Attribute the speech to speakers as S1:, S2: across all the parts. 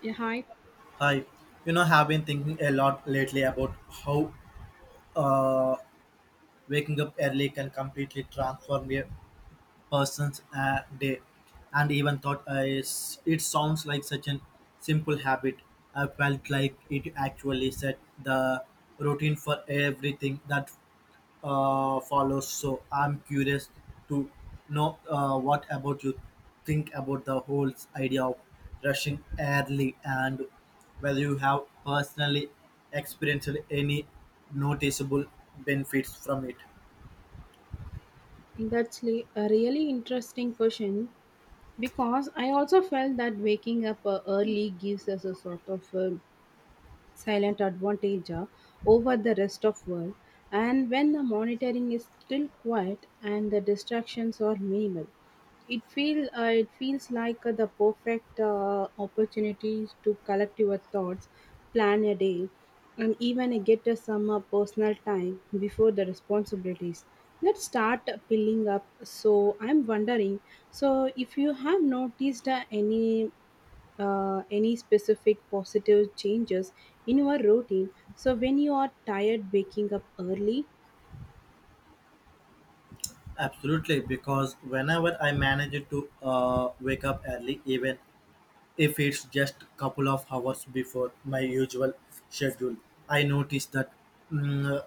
S1: Yeah, hi.
S2: Hi, have been thinking a lot lately about how uh, waking up early can completely transform a person's day, and even thought it sounds like such an simple habit. I felt like it actually set the routine for everything that follows. So I'm curious to know what about you think about the whole idea of rushing early and whether you have personally experienced any noticeable benefits from it.
S1: A really interesting question because I also felt that waking up early gives us a sort of a silent advantage, over the rest of world. And when the monitoring is still quiet and the distractions are minimal, it feels like the perfect opportunities to collect your thoughts, plan a day, and even get some personal time before the responsibilities. Let's start filling up. So I'm wondering. So if you have noticed any specific positive changes in your routine, so when you are tired waking up early.
S2: Absolutely, because whenever I manage to wake up early, even if it's just couple of hours before my usual schedule, I notice that mm,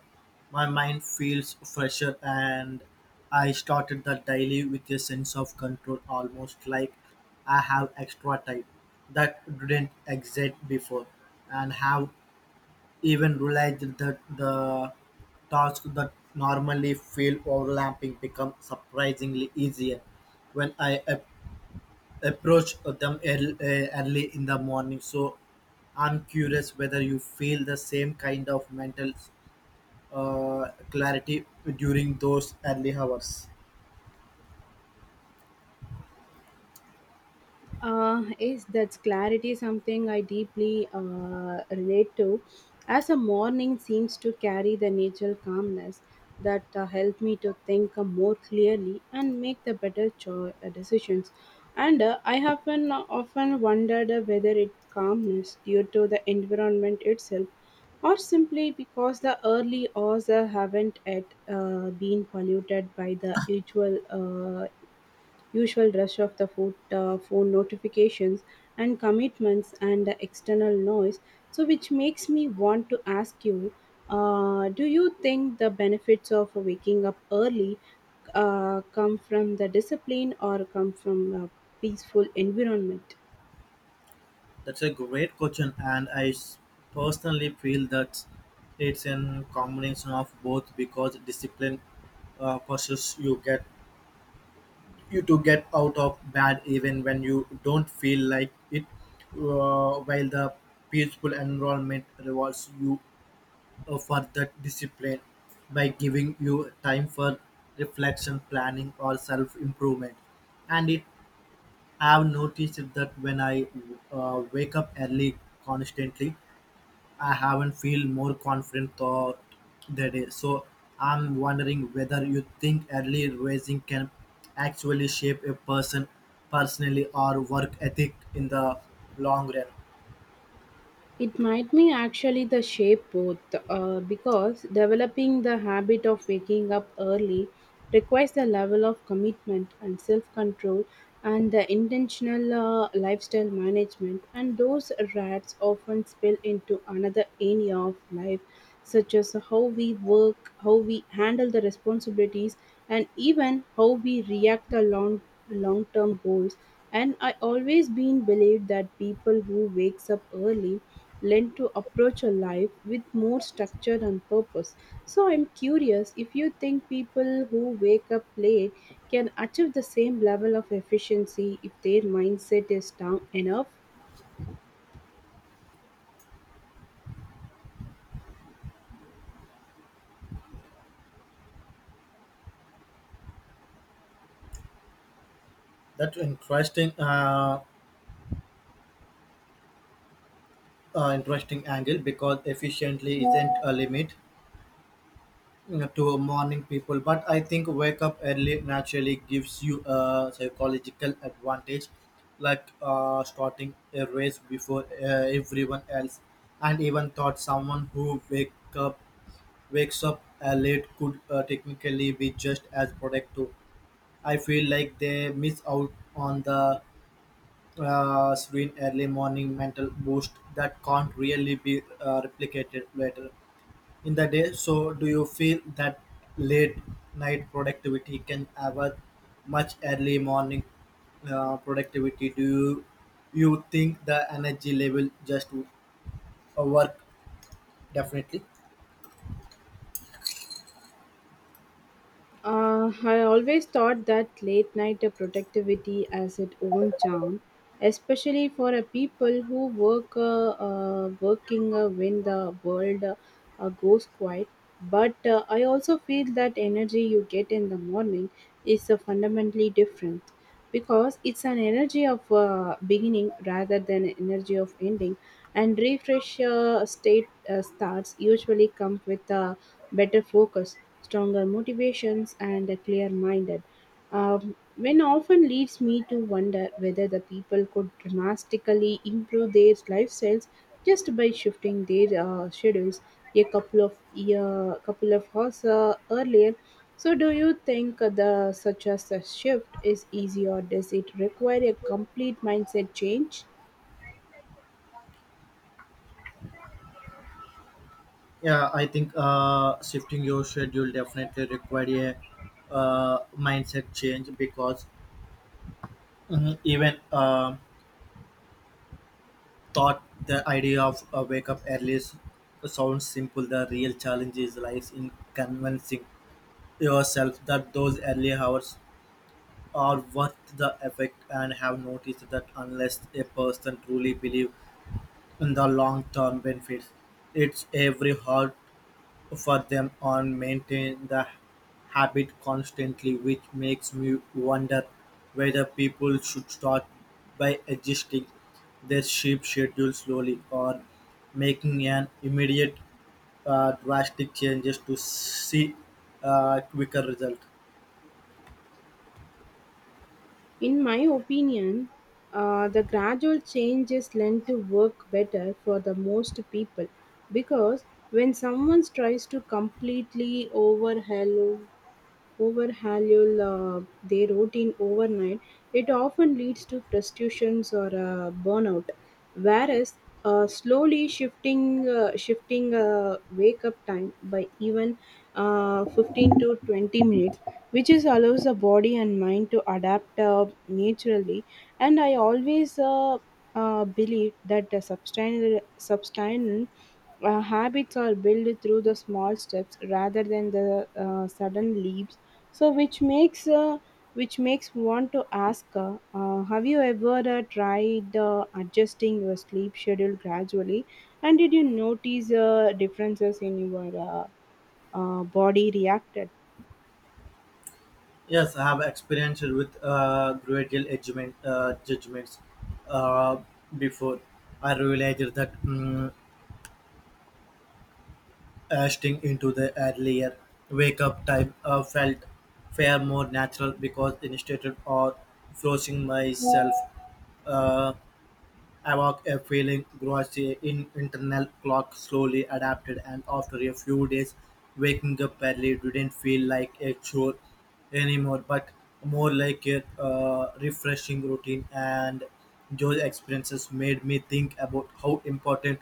S2: my mind feels fresher and I started the daily with a sense of control, almost like I have extra time that didn't exist before, and have even realized that the tasks that normally feel overlapping become surprisingly easier when I approach them early in the morning. So I'm curious whether you feel the same kind of mental clarity during those early hours.
S1: Is that clarity something I deeply relate to, as a morning seems to carry the natural calmness that help me to think more clearly and make the better decisions. And I have been, often wondered whether it calmness due to the environment itself, or simply because the early hours haven't yet been polluted by the usual rush of the food, phone notifications and commitments and the external noise. So, which makes me want to ask you, do you think the benefits of waking up early come from the discipline or come from a peaceful environment?
S2: That's a great question, and personally feel that it's a combination of both because discipline forces you get you to get out of bed even when you don't feel like it, while the peaceful environment rewards you for that discipline by giving you time for reflection, planning, or self improvement. And it I've noticed that when I wake up early constantly, I haven't feel more confident thought the day. So I'm wondering whether you think early rising can actually shape a person personally or work ethic in the long run.
S1: It might be actually the shape both, because developing the habit of waking up early requires a level of commitment and self control and the intentional lifestyle management, and those rats often spill into another area of life, such as how we work, how we handle the responsibilities, and even how we react to long term goals. And I always been believed that people who wakes up early lent to approach a life with more structure and purpose. So I'm curious if you think people who wake up late can achieve the same level of efficiency if their mindset is down enough.
S2: That's interesting. Interesting angle because efficiently isn't a limit, to morning people but I think wake up early naturally gives you a psychological advantage like starting a race before everyone else and even thought someone who wakes up late could technically be just as productive. I feel like they miss out on the serene early morning mental boost that can't really be replicated later in the day. So, do you feel that late night productivity can ever much early morning productivity? You think the energy level just work definitely?
S1: I always thought that late night productivity has its own charm, especially for a people who work working when the world goes quiet. But I also feel that energy you get in the morning is fundamentally different because it's an energy of beginning rather than an energy of ending, and refresh state starts usually come with a better focus, stronger motivations, and a clear minded. When often leads me to wonder whether the people could dramatically improve their lifestyles just by shifting their schedules a couple of hours earlier. So, do you think the such as a shift is easy, or does it require a complete mindset change?
S2: Yeah, I think shifting your schedule definitely require a mindset change because mhm, even. Thought the idea of a wake up sounds simple. The real challenge is lies in convincing yourself that those early hours are worth the effort and have noticed that unless a person truly believes in the long term benefits, it's every hard for them on maintain the habit constantly, which makes me wonder whether people should start by adjusting their sleep schedule slowly or making an immediate drastic changes to see quicker result.
S1: In my opinion, the gradual changes tend to work better for the most people because when someone tries to completely overhaul their routine overnight, it often leads to frustrations or burnout. Whereas slowly shifting wake up time by even 15 to 20 minutes, which is allows the body and mind to adapt naturally. And I always believe that the substantial habits are built through the small steps rather than the sudden leap. So, which makes want to ask, have you ever tried adjusting your sleep schedule gradually? And did you notice differences in your body reacted?
S2: Yes, I have experienced with judgments uh, before. I realized that asking into the earlier wake-up time felt fair more natural because instead of forcing myself uh, evoke a feeling grows in internal clock slowly adapted and after a few days waking up early didn't feel like a chore anymore but more like a refreshing routine and those experiences made me think about how important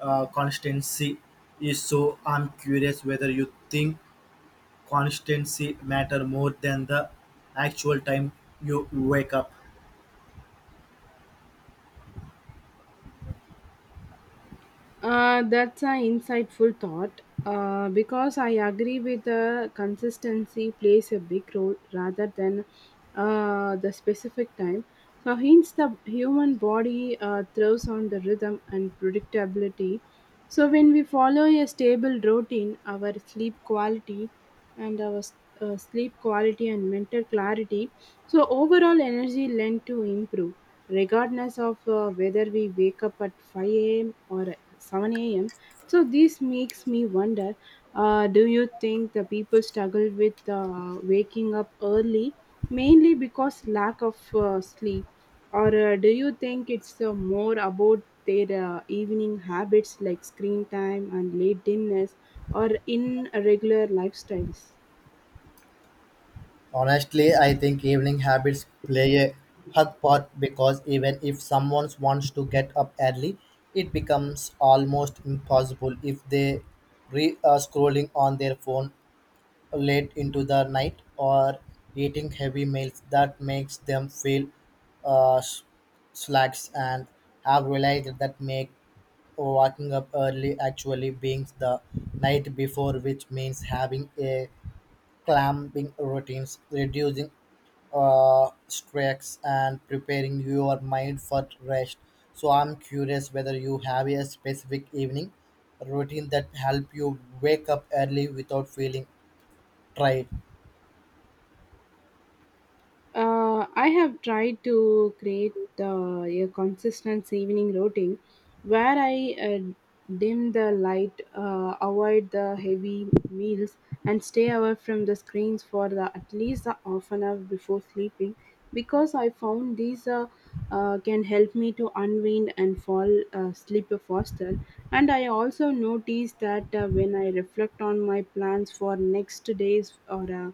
S2: constancy is. So I'm curious whether you think constancy matter more than the actual time you wake up.
S1: That's an insightful thought because I agree with the consistency plays a big role rather than the specific time. So, hence, the human body thrives on the rhythm and predictability. So, when we follow a stable routine, our and our s- sleep quality and mental clarity, so overall energy lend to improve regardless of whether we wake up at 5 a.m. or 7 a.m. So this makes me wonder, do you think the people struggle with waking up early mainly because lack of sleep? Or do you think it's more about their evening habits like screen time and late dinners or irregular lifestyles?
S2: Honestly, I think evening habits play a hug part because even if someone wants to get up early, it becomes almost impossible if they re scrolling on their phone late into the night or eating heavy meals that makes them feel uh, s- slacks and have realized that make waking up early actually being the night before which means having a clamping routines, reducing stress, and preparing your mind for rest. So I'm curious whether you have a specific evening routine that help you wake up early without feeling tired.
S1: I have tried to create a consistent evening routine where I dim the light, avoid the heavy meals, and stay away from the screens for the, at least the half an hour before sleeping, because I found these can help me to unwind and fall asleep faster. And I also noticed that when I reflect on my plans for next days, or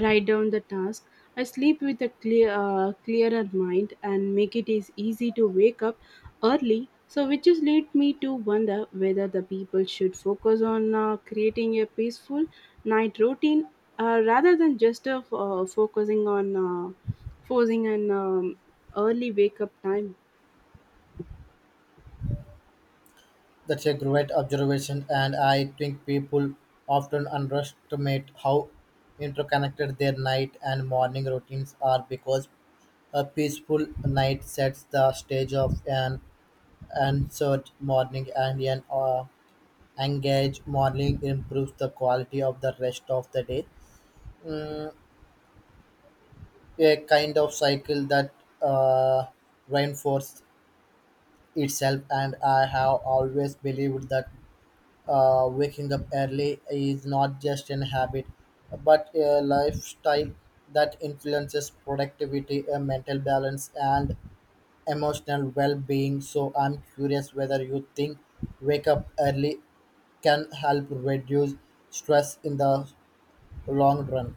S1: write down the task, I sleep with a clearer mind and make it is easy to wake up early. So, which is lead me to wonder whether the people should focus on creating a peaceful night routine rather than just focusing on forcing an early wake up time.
S2: That's a great observation, and I think people often underestimate how interconnected their night and morning routines are because a peaceful night sets the stage of an answered morning and an engage morning improves the quality of the rest of the day, a kind of cycle that uh, reinforces itself. And I have always believed that waking up early is not just an habit but a lifestyle that influences productivity a mental balance and emotional well-being. So I'm curious whether you think wake up early can help reduce stress in the long run.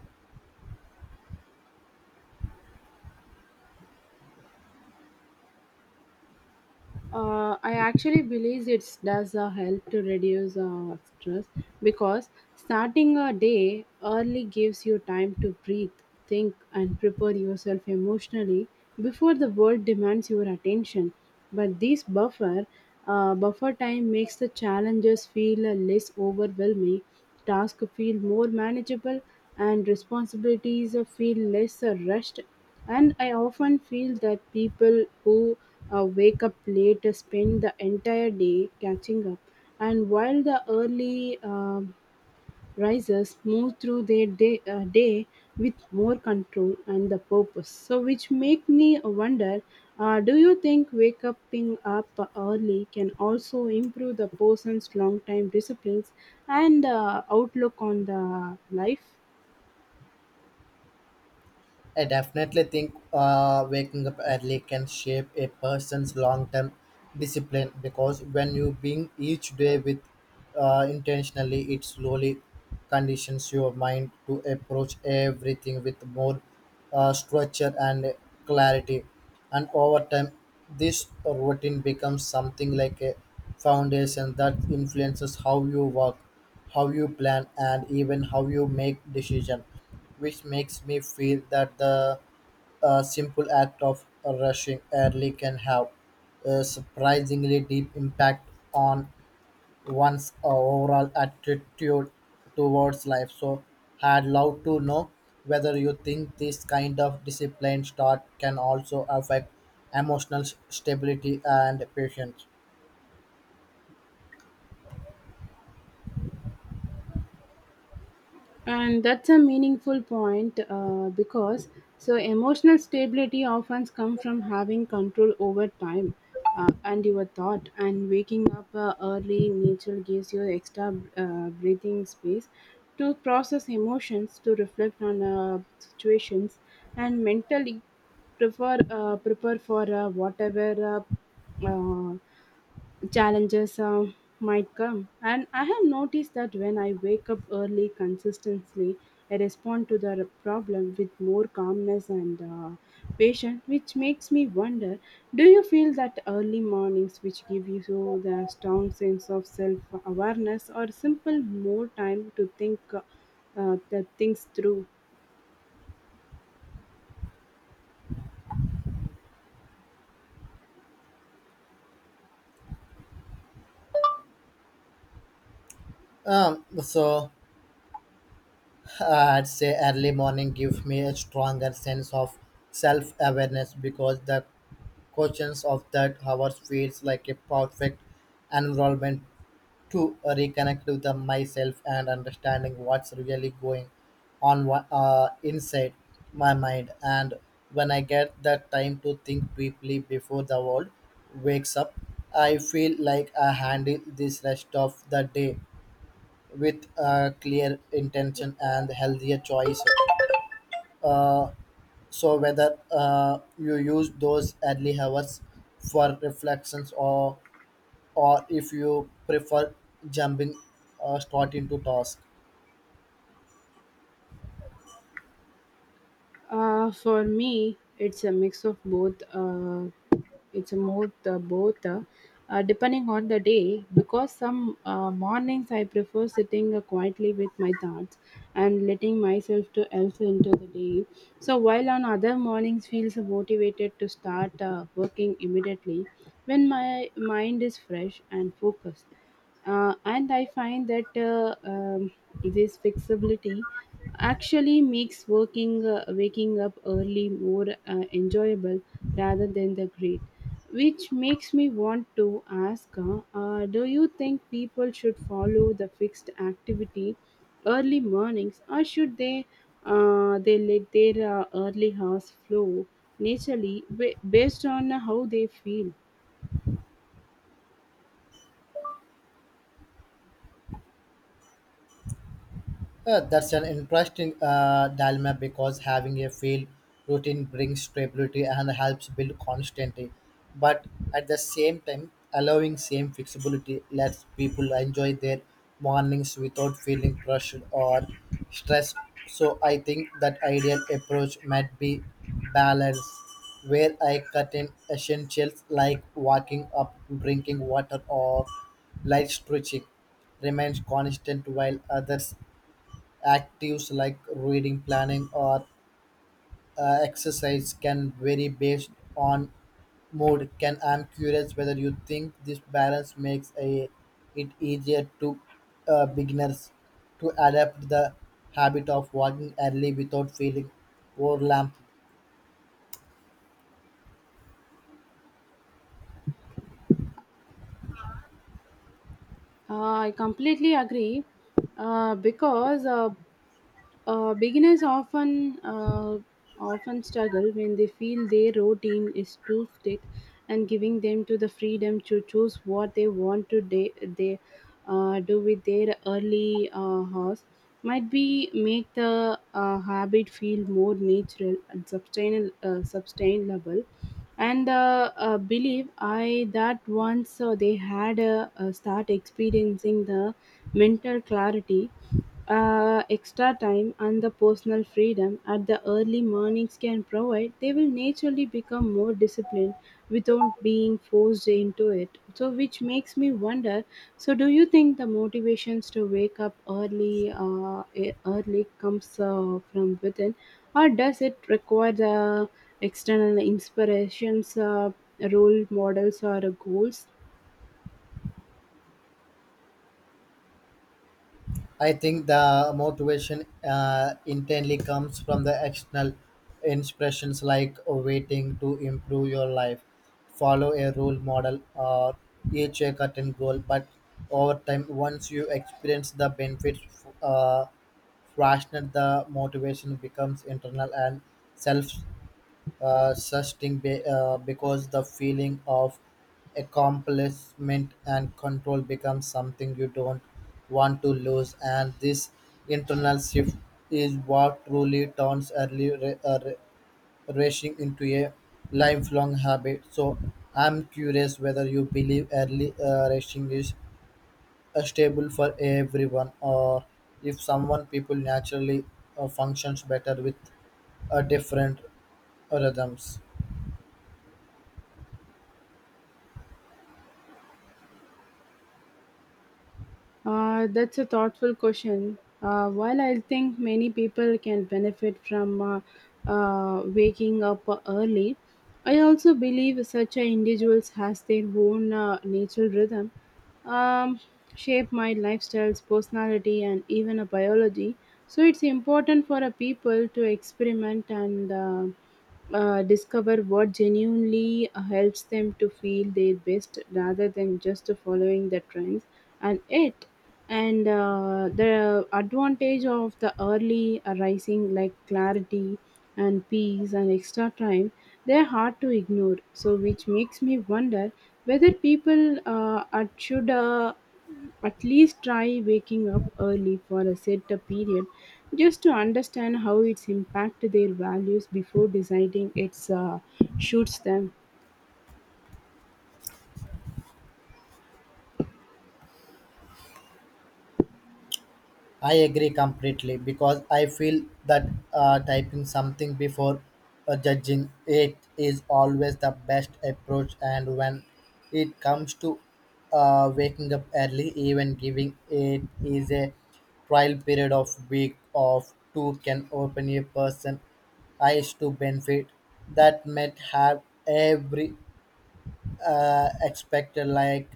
S1: I actually believe it does help to reduce stress, because starting a day early gives you time to breathe, think, and prepare yourself emotionally before the world demands your attention. But this buffer time makes the challenges feel less overwhelming, tasks feel more manageable, and responsibilities feel less rushed, and I often feel that people who wake up late spend the entire day catching up. And while the early risers move through their day, with more control and the purpose. So, which make me wonder, do you think wake up up early can also improve the person's long time disciplines, and outlook on the life?
S2: I definitely think waking up early can shape a person's long term discipline because when you begin each day with intentionally, it slowly conditions your mind to approach everything with more structure and clarity. And over time, this routine becomes something like a foundation that influences how you work, how you plan, and even how you make decisions, which makes me feel that the simple act of rushing early can have a surprisingly deep impact on one's overall attitude towards life. So, I'd love to know whether you think this kind of disciplined start can also affect emotional stability and patience.
S1: And that's a meaningful point, because so emotional stability often comes from having control over time, and your thought. And waking up early nature gives you extra breathing space to process emotions, to reflect on situations, and mentally prefer prepare for whatever uh, uh, challenges might come. And I have noticed that when I wake up early consistently, I respond to the problem with more calmness and patience, which makes me wonder, do you feel that early mornings, which give you so the strong sense of self awareness, or simple more time to think the things through?
S2: So I'd say early morning gives me a stronger sense of self-awareness because the conscious of that, hours feels like a perfect environment to reconnect with the myself and understanding what's really going on inside my mind. And when I get that time to think deeply before the world wakes up, I feel like I handle this rest of the day with a clear intention and healthier choice. Uh, so whether you use those early hours for reflections or if you prefer jumping straight into task.
S1: For me, it's a mix of both. It's both, depending on the day. Because some mornings I prefer sitting quietly with my thoughts and letting myself to else into the day. So while on other mornings feels motivated to start working immediately when my mind is fresh and focused. And I find that this flexibility actually makes working waking up early more enjoyable rather than the great, which makes me want to ask, do you think people should follow the fixed activity early mornings, or should they let their early hours flow naturally based on how they feel?
S2: That's an interesting dilemma because having a field routine brings stability and helps build constantly, but at the same time, allowing same flexibility lets people enjoy their mornings without feeling crushed or stressed. So I think that ideal approach might be balance, where I cut in essentials like walking up, drinking water, or light stretching remains constant while others actives like reading, planning, or exercise can vary based on mood. Can I'm curious whether you think this balance makes a it easier to beginners to adapt the habit of walking early without feeling overwhelmed.
S1: Uh, I completely agree, because beginners often struggle when they feel their routine is too strict, and giving them to the freedom to choose what they want to de- they do with their early hours might be make the habit feel more natural and sustainable. And believe I that once they had start experiencing the mental clarity, extra time and the personal freedom at the early mornings can provide, they will naturally become more disciplined without being forced into it. So which makes me wonder, so do you think the motivations to wake up early early comes from within, or does it require the external inspirations, role models, or goals?
S2: I think the motivation intently comes from the external inspirations like waiting to improve your life, follow a role model, or reach a certain goal. But over time, once you experience the benefits, uh, rational the motivation becomes internal and self because the feeling of accomplishment and control becomes something you don't want to lose and this internal shift is what truly turns racing into a lifelong habit. So I'm curious whether you believe early racing is stable for everyone or if someone people naturally functions better with different rhythms.
S1: That's a thoughtful question. While I think many people can benefit from waking up early, I also believe such a individuals has their own natural rhythm, um, shape my lifestyles, personality, and even a biology. So it's important for a people to experiment and discover what genuinely helps them to feel their best rather than just following the trends. And it and the advantage of the early arising, like clarity and peace and extra time, they're hard to ignore. So which makes me wonder whether people should at least try waking up early for a set a period just to understand how it's impact their values before deciding it's shoots them.
S2: I agree completely because I feel that typing something before judging it is always the best approach. And when it comes to waking up early, even giving it is a trial period of week of two can open a person eyes to benefit that might have every expected like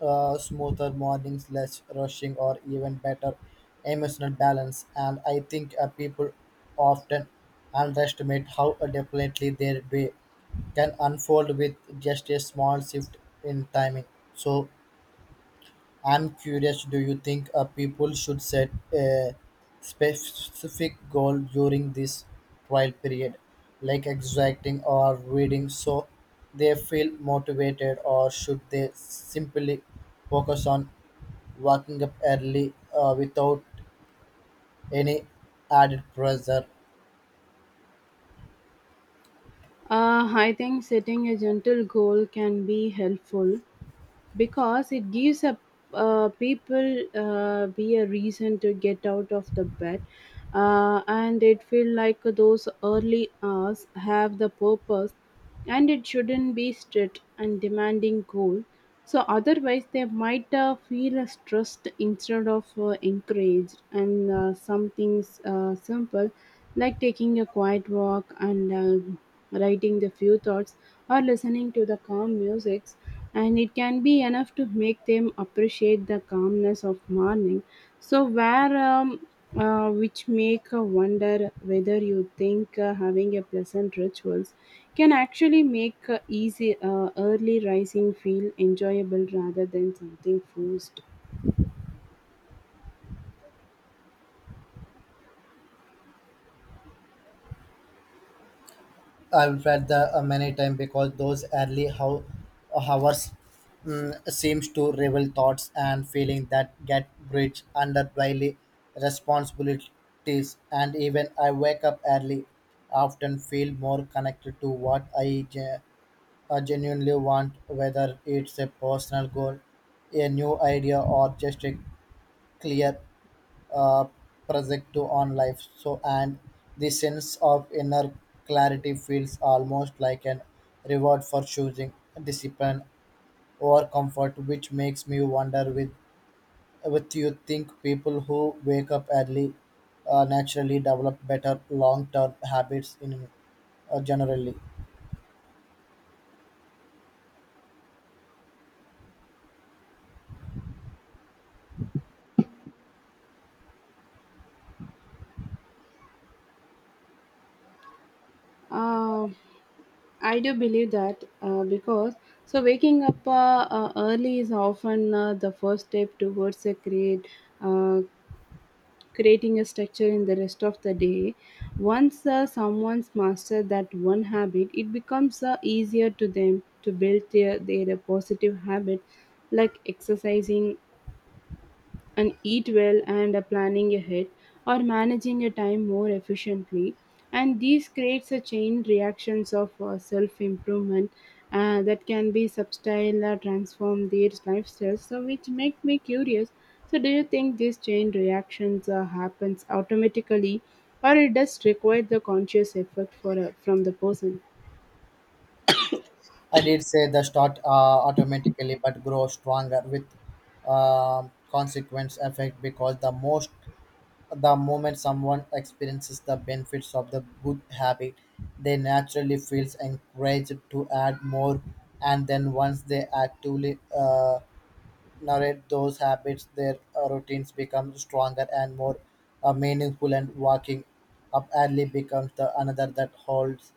S2: smoother mornings, less rushing, or even better emotional balance. And I think people often underestimate how definitely their day can unfold with just a small shift in timing. So, I'm curious, do you think people should set a specific goal during this trial period, like exacting or reading, so they feel motivated, or should they simply focus on waking up early without any added pressure?
S1: I think setting a gentle goal can be helpful because it gives a people be a reason to get out of the bed and it feel like those early hours have the purpose and it shouldn't be strict and demanding goal so otherwise they might feel stressed instead of encouraged and some things simple like taking a quiet walk and writing the few thoughts or listening to the calm music and it can be enough to make them appreciate the calmness of morning so where which make a wonder whether you think having a pleasant rituals can actually make easy early rising feel enjoyable rather than something forced.
S2: I've read that many times because those hours seems to reveal thoughts and feelings that get bridged under daily responsibilities. And even I wake up early, often feel more connected to what genuinely want, whether it's a personal goal, a new idea, or just a clear uh, project to on life. So, and the sense of inner clarity feels almost like an reward for choosing discipline over comfort, which makes me wonder with what you think people who wake up early naturally develop better long-term habits in generally.
S1: Uh, I do believe that because so waking up early is often the first step towards a great uh, creating a structure in the rest of the day. Once someone's mastered that one habit, it becomes easier to them to build their positive habit like exercising and eat well and are planning ahead or managing your time more efficiently and these creates a chain reactions of self improvement that can be subtle or transform their lifestyles so which make me curious so do you think this chain reactions happens automatically or it does require the conscious effort for from the person.
S2: I did say the start automatically, but grow stronger with consequence effect because the moment someone experiences the benefits of the good habit, they naturally feels encouraged to add more, and then once they actively narrate those habits, their routines become stronger and more meaningful, and walking up early becomes the another that holds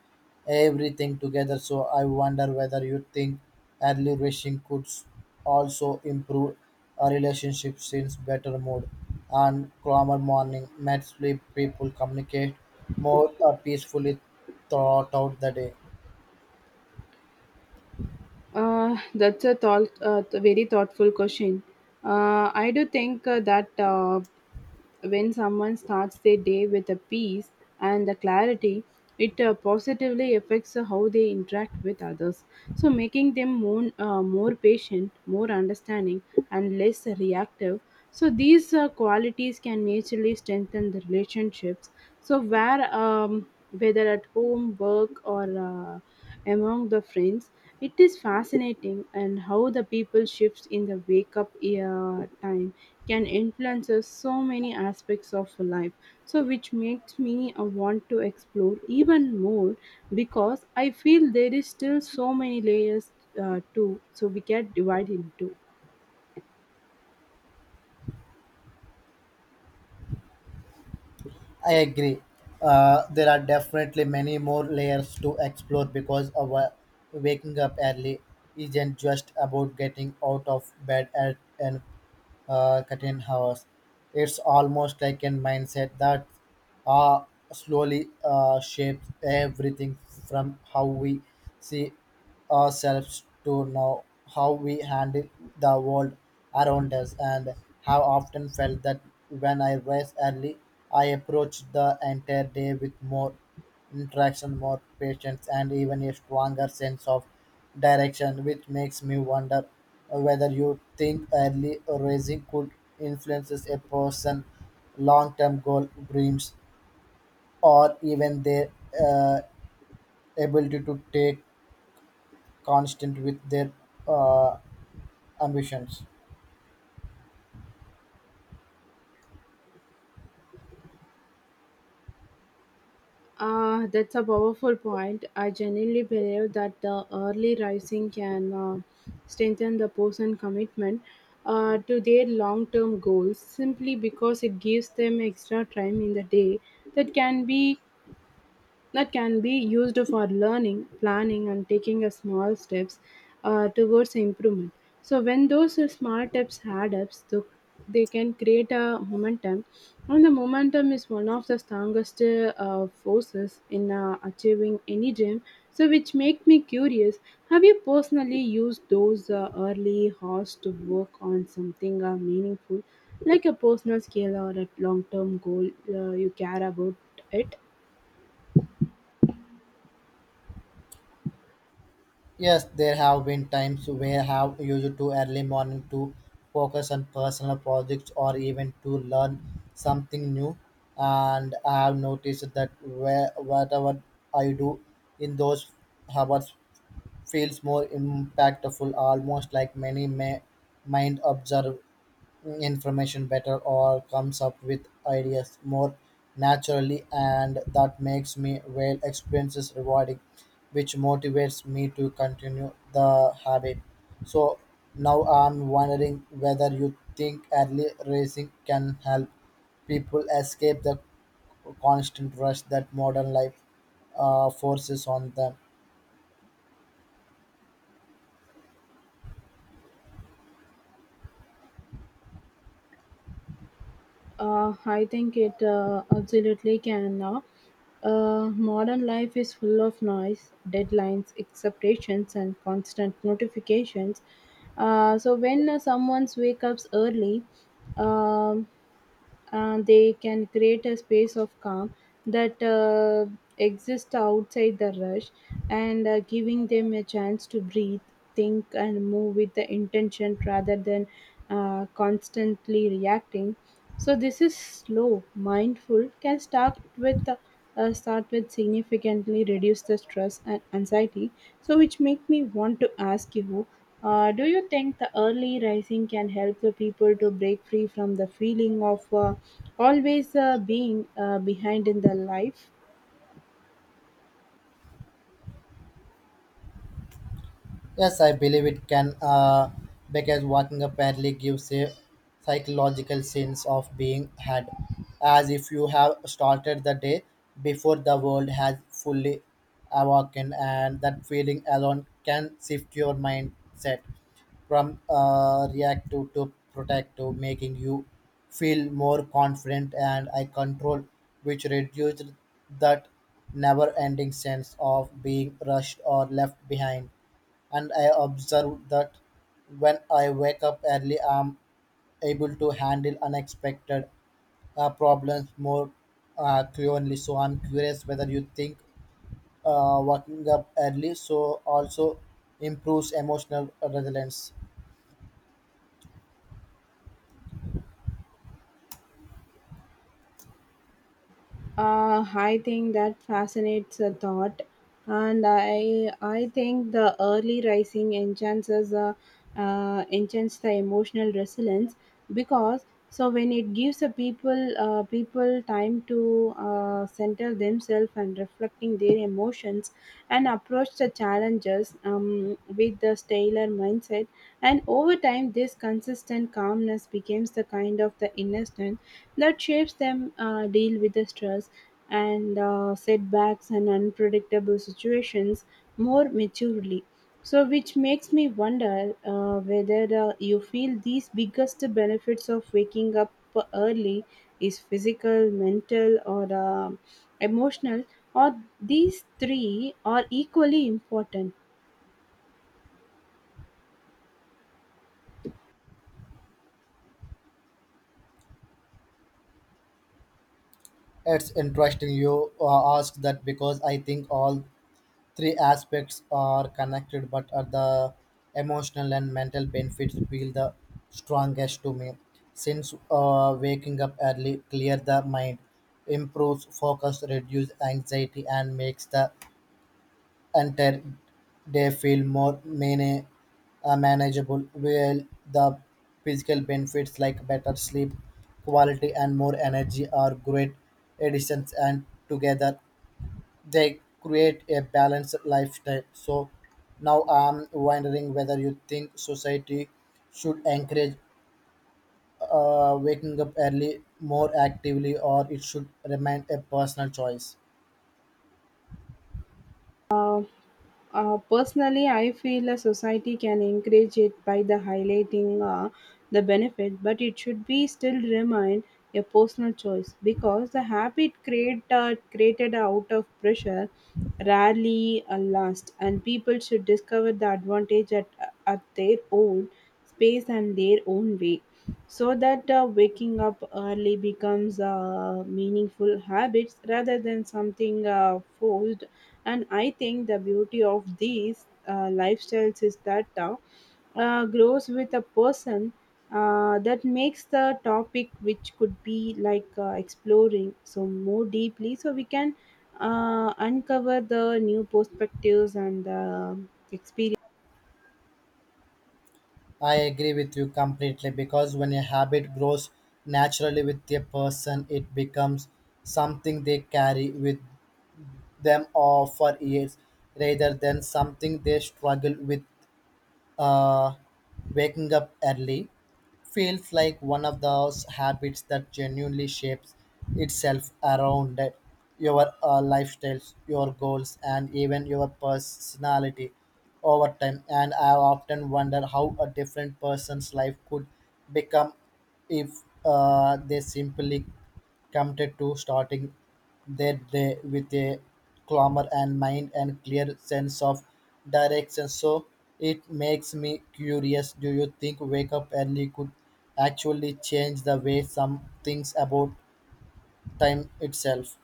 S2: everything together. So I wonder whether you think early rushing could s- also improve a relationship since better mood and calmer morning might sleep people communicate more peacefully throughout the day.
S1: That's a thought, very thoughtful question. I do think that when someone starts their day with a peace and the clarity, it positively affects how they interact with others. So, making them more, more patient, more understanding, and less reactive. So, these qualities can naturally strengthen the relationships. So, where whether at home, work, or among the friends, it is fascinating and how the people shifts in the wake up time can influence us so many aspects of life. So, which makes me want to explore even more because I feel there is still so many layers to so we get divided into.
S2: I agree. There are definitely many more layers to explore because our waking up early isn't just about getting out of bed at, and curtain hours. It's almost like a mindset that uh, slowly shapes everything from how we see ourselves to now how we handle the world around us and have often felt that when I rise early, I approach the entire day with more interaction, more patience, and even a stronger sense of direction, which makes me wonder whether you think early raising could influence a person's long term goal, dreams, or even their uh, ability to take constant with their uh, ambitions.
S1: That's a powerful point. I genuinely believe that the early rising can strengthen the person commitment to their long term goals simply because it gives them extra time in the day that can be that can be used for learning, planning, and taking a small steps towards improvement. So when those small steps add up, so they can create a momentum, and the momentum is one of the strongest forces in achieving any dream. So which make me curious. Have you personally used those early hours to work on something meaningful, like a personal scale or a long-term goal you care about it?
S2: Yes, there have been times where I have used to early morning to focus on personal projects or even to learn something new. And I have noticed that where whatever I do in those hours feels more impactful, almost like many may mind observe information better or comes up with ideas more naturally and that makes me whale experiences rewarding, which motivates me to continue the habit. So now I'm wondering whether you think early racing can help people escape the constant rush that modern life forces on them.
S1: I think it absolutely can. Modern life is full of noise, deadlines, expectations, and constant notifications. So when someone wakes up early, um they can create a space of calm that exists outside the rush and giving them a chance to breathe, think and move with the intention rather than constantly reacting, so this is slow mindful can start with significantly reduce the stress and anxiety so which make me want to ask you, do you think the early rising can help the people to break free from the feeling of always being behind in their life?
S2: Yes, I believe it can, because walking apparently gives a psychological sense of being had, as if you have started the day before the world has fully awakened, and that feeling alone can shift your mindset from reactive to protective, making you feel more confident and I control, which reduced that never ending sense of being rushed or left behind. And I observe that when I wake up early, I'm able to handle unexpected problems more clearly. So I'm curious whether you think waking up early so also improves emotional resilience.
S1: I think that fascinates a thought, and I think the early rising enchants us, enchants the emotional resilience because so when it gives a people time to center themselves and reflecting their emotions and approach the challenges with the stellar mindset and over time this consistent calmness becomes the kind of the inner strength that shapes them deal with the stress and setbacks and unpredictable situations more maturely. So, which makes me wonder whether you feel these biggest benefits of waking up early is physical, mental, or emotional, or these three are equally important.
S2: It's interesting you ask that because I think all three aspects are connected, but are the emotional and mental benefits feel the strongest to me, since waking up early clear the mind, improves focus, reduce anxiety, and makes the entire day feel more many manageable, while the physical benefits like better sleep quality and more energy are great additions, and together they create a balanced lifestyle. So now I'm wondering whether you think society should encourage waking up early more actively or it should remain a personal choice.
S1: Personally, I feel a society can encourage it by the highlighting the benefit, but it should be still remain a personal choice because the habit created out of pressure rarely lasts, and people should discover the advantage at their own space and their own way. So that waking up early becomes a meaningful habit rather than something forced and I think the beauty of these lifestyles is that grows with a person that makes the topic, which could be like exploring so more deeply, so we can uncover the new perspectives and experience.
S2: I agree with you completely because when a habit grows naturally with a person, it becomes something they carry with them or for years rather than something they struggle with. Uh, Waking up early feels like one of those habits that genuinely shapes itself around it, your lifestyles, your goals, and even your personality over time. And I often wonder how a different person's life could become if they simply committed to starting they play with a calmer and mind and clear sense of direction. So it makes me curious. Do you think wake up early could actually change the way some things about time itself?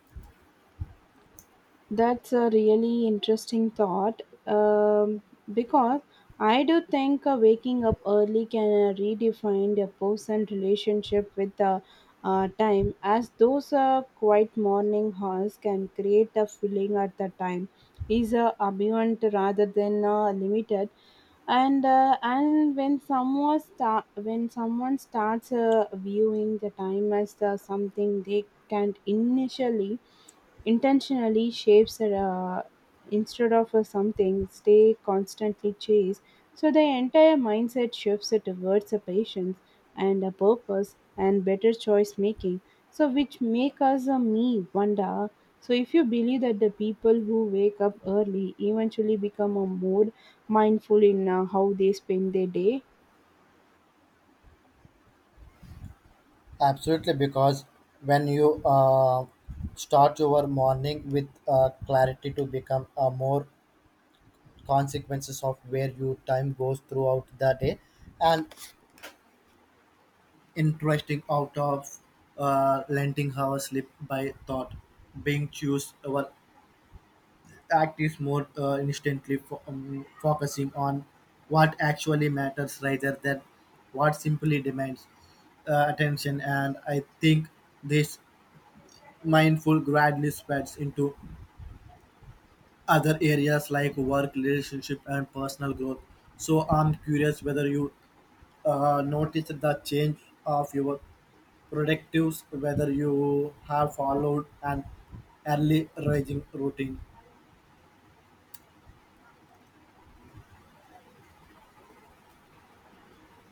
S1: That's a really interesting thought because I do think waking up early can redefine a person's relationship with the time, as those quiet morning hours can create a feeling at the time is abundant rather than limited and and when someone starts viewing the time as something they can't initially intentionally shapes are, instead of something stay constantly chase so the entire mindset shifts it towards a patience and a purpose and better choice making so which make us a me wonder so if you believe that the people who wake up early eventually become a more mindful in how they spend their day.
S2: Absolutely, because when you start your morning with clarity to become more consequences of where your time goes throughout the day, and interesting out of lending her slip by thought being choose our act is more instantly focusing on what actually matters rather than what simply demands attention. And I think this mindful gradually spreads into other areas like work relationship and personal growth. So I'm curious whether you noticed the change of your predictive whether you have followed an early rising routine.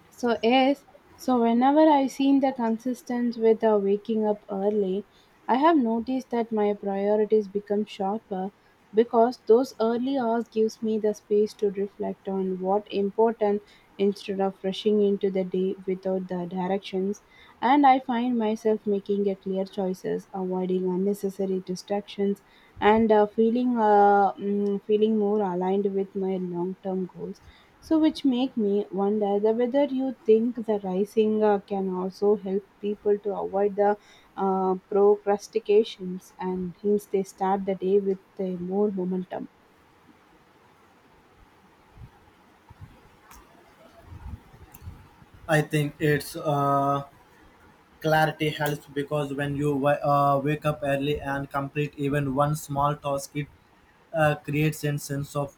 S1: So yes, so whenever I've seen the consistent with waking up early, I have noticed that my priorities become sharper because those early hours gives me the space to reflect on what important instead of rushing into the day without the directions and I find myself making a clear choices, avoiding unnecessary distractions and feeling more aligned with my long-term goals so, which make me wonder the whether you think the rising can also help people to avoid the procrastinations and hence they start the day with a more momentum.
S2: I think it's clarity helps because when you wake up early and complete even one small task, it creates a sense of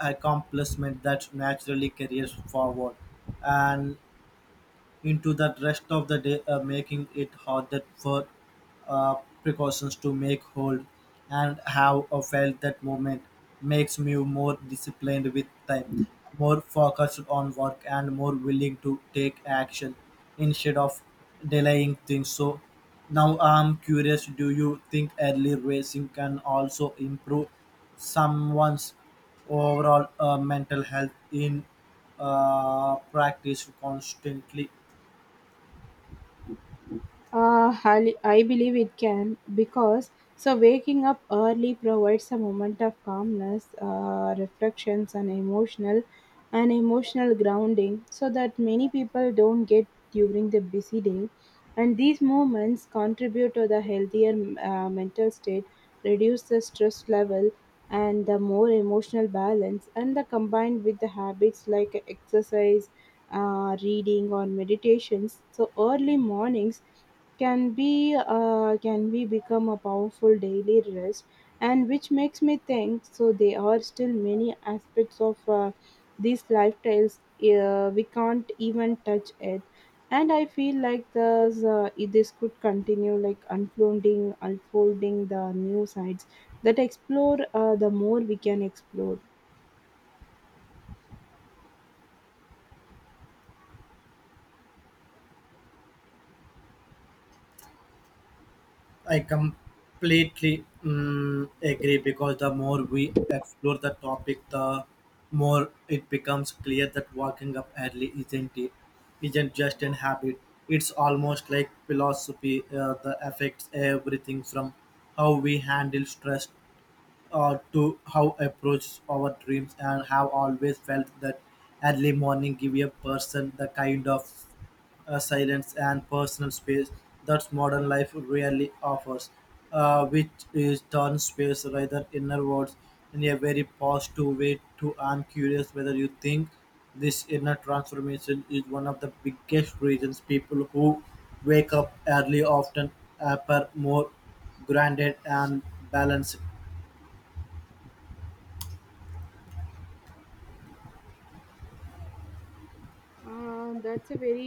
S2: accomplishment that naturally carries forward. And into the rest of the day, making it harder for uh, precautions to make hold. And how I felt that moment makes me more disciplined with time, more focused on work, and more willing to take action instead of delaying things. So now I'm curious, do you think early racing can also improve someone's overall mental health in practice constantly?
S1: I believe it can because so waking up early provides a moment of calmness, reflections, and emotional grounding, so that many people don't get during the busy day. And these moments contribute to the healthier mental state, reduce the stress level, and the more emotional balance, and the combined with the habits like exercise reading or meditations. So early mornings can be become a powerful daily rest, and which makes me think. So there are still many aspects of these lifestyles we can't even touch it. And I feel like this could continue like unfolding the new sides that explore the more we can explore.
S2: I completely agree because the more we explore the topic, the more it becomes clear that waking up early isn't just an habit. It's almost like philosophy that affects everything from how we handle stress to how approach our dreams. And have always felt that early morning give a person the kind of silence and personal space that modern life rarely offers, which is turn space rather inner words in a very positive way. To I'm curious whether you think this inner transformation is one of the biggest reasons people who wake up early often appear more grounded and balanced.
S1: That's a very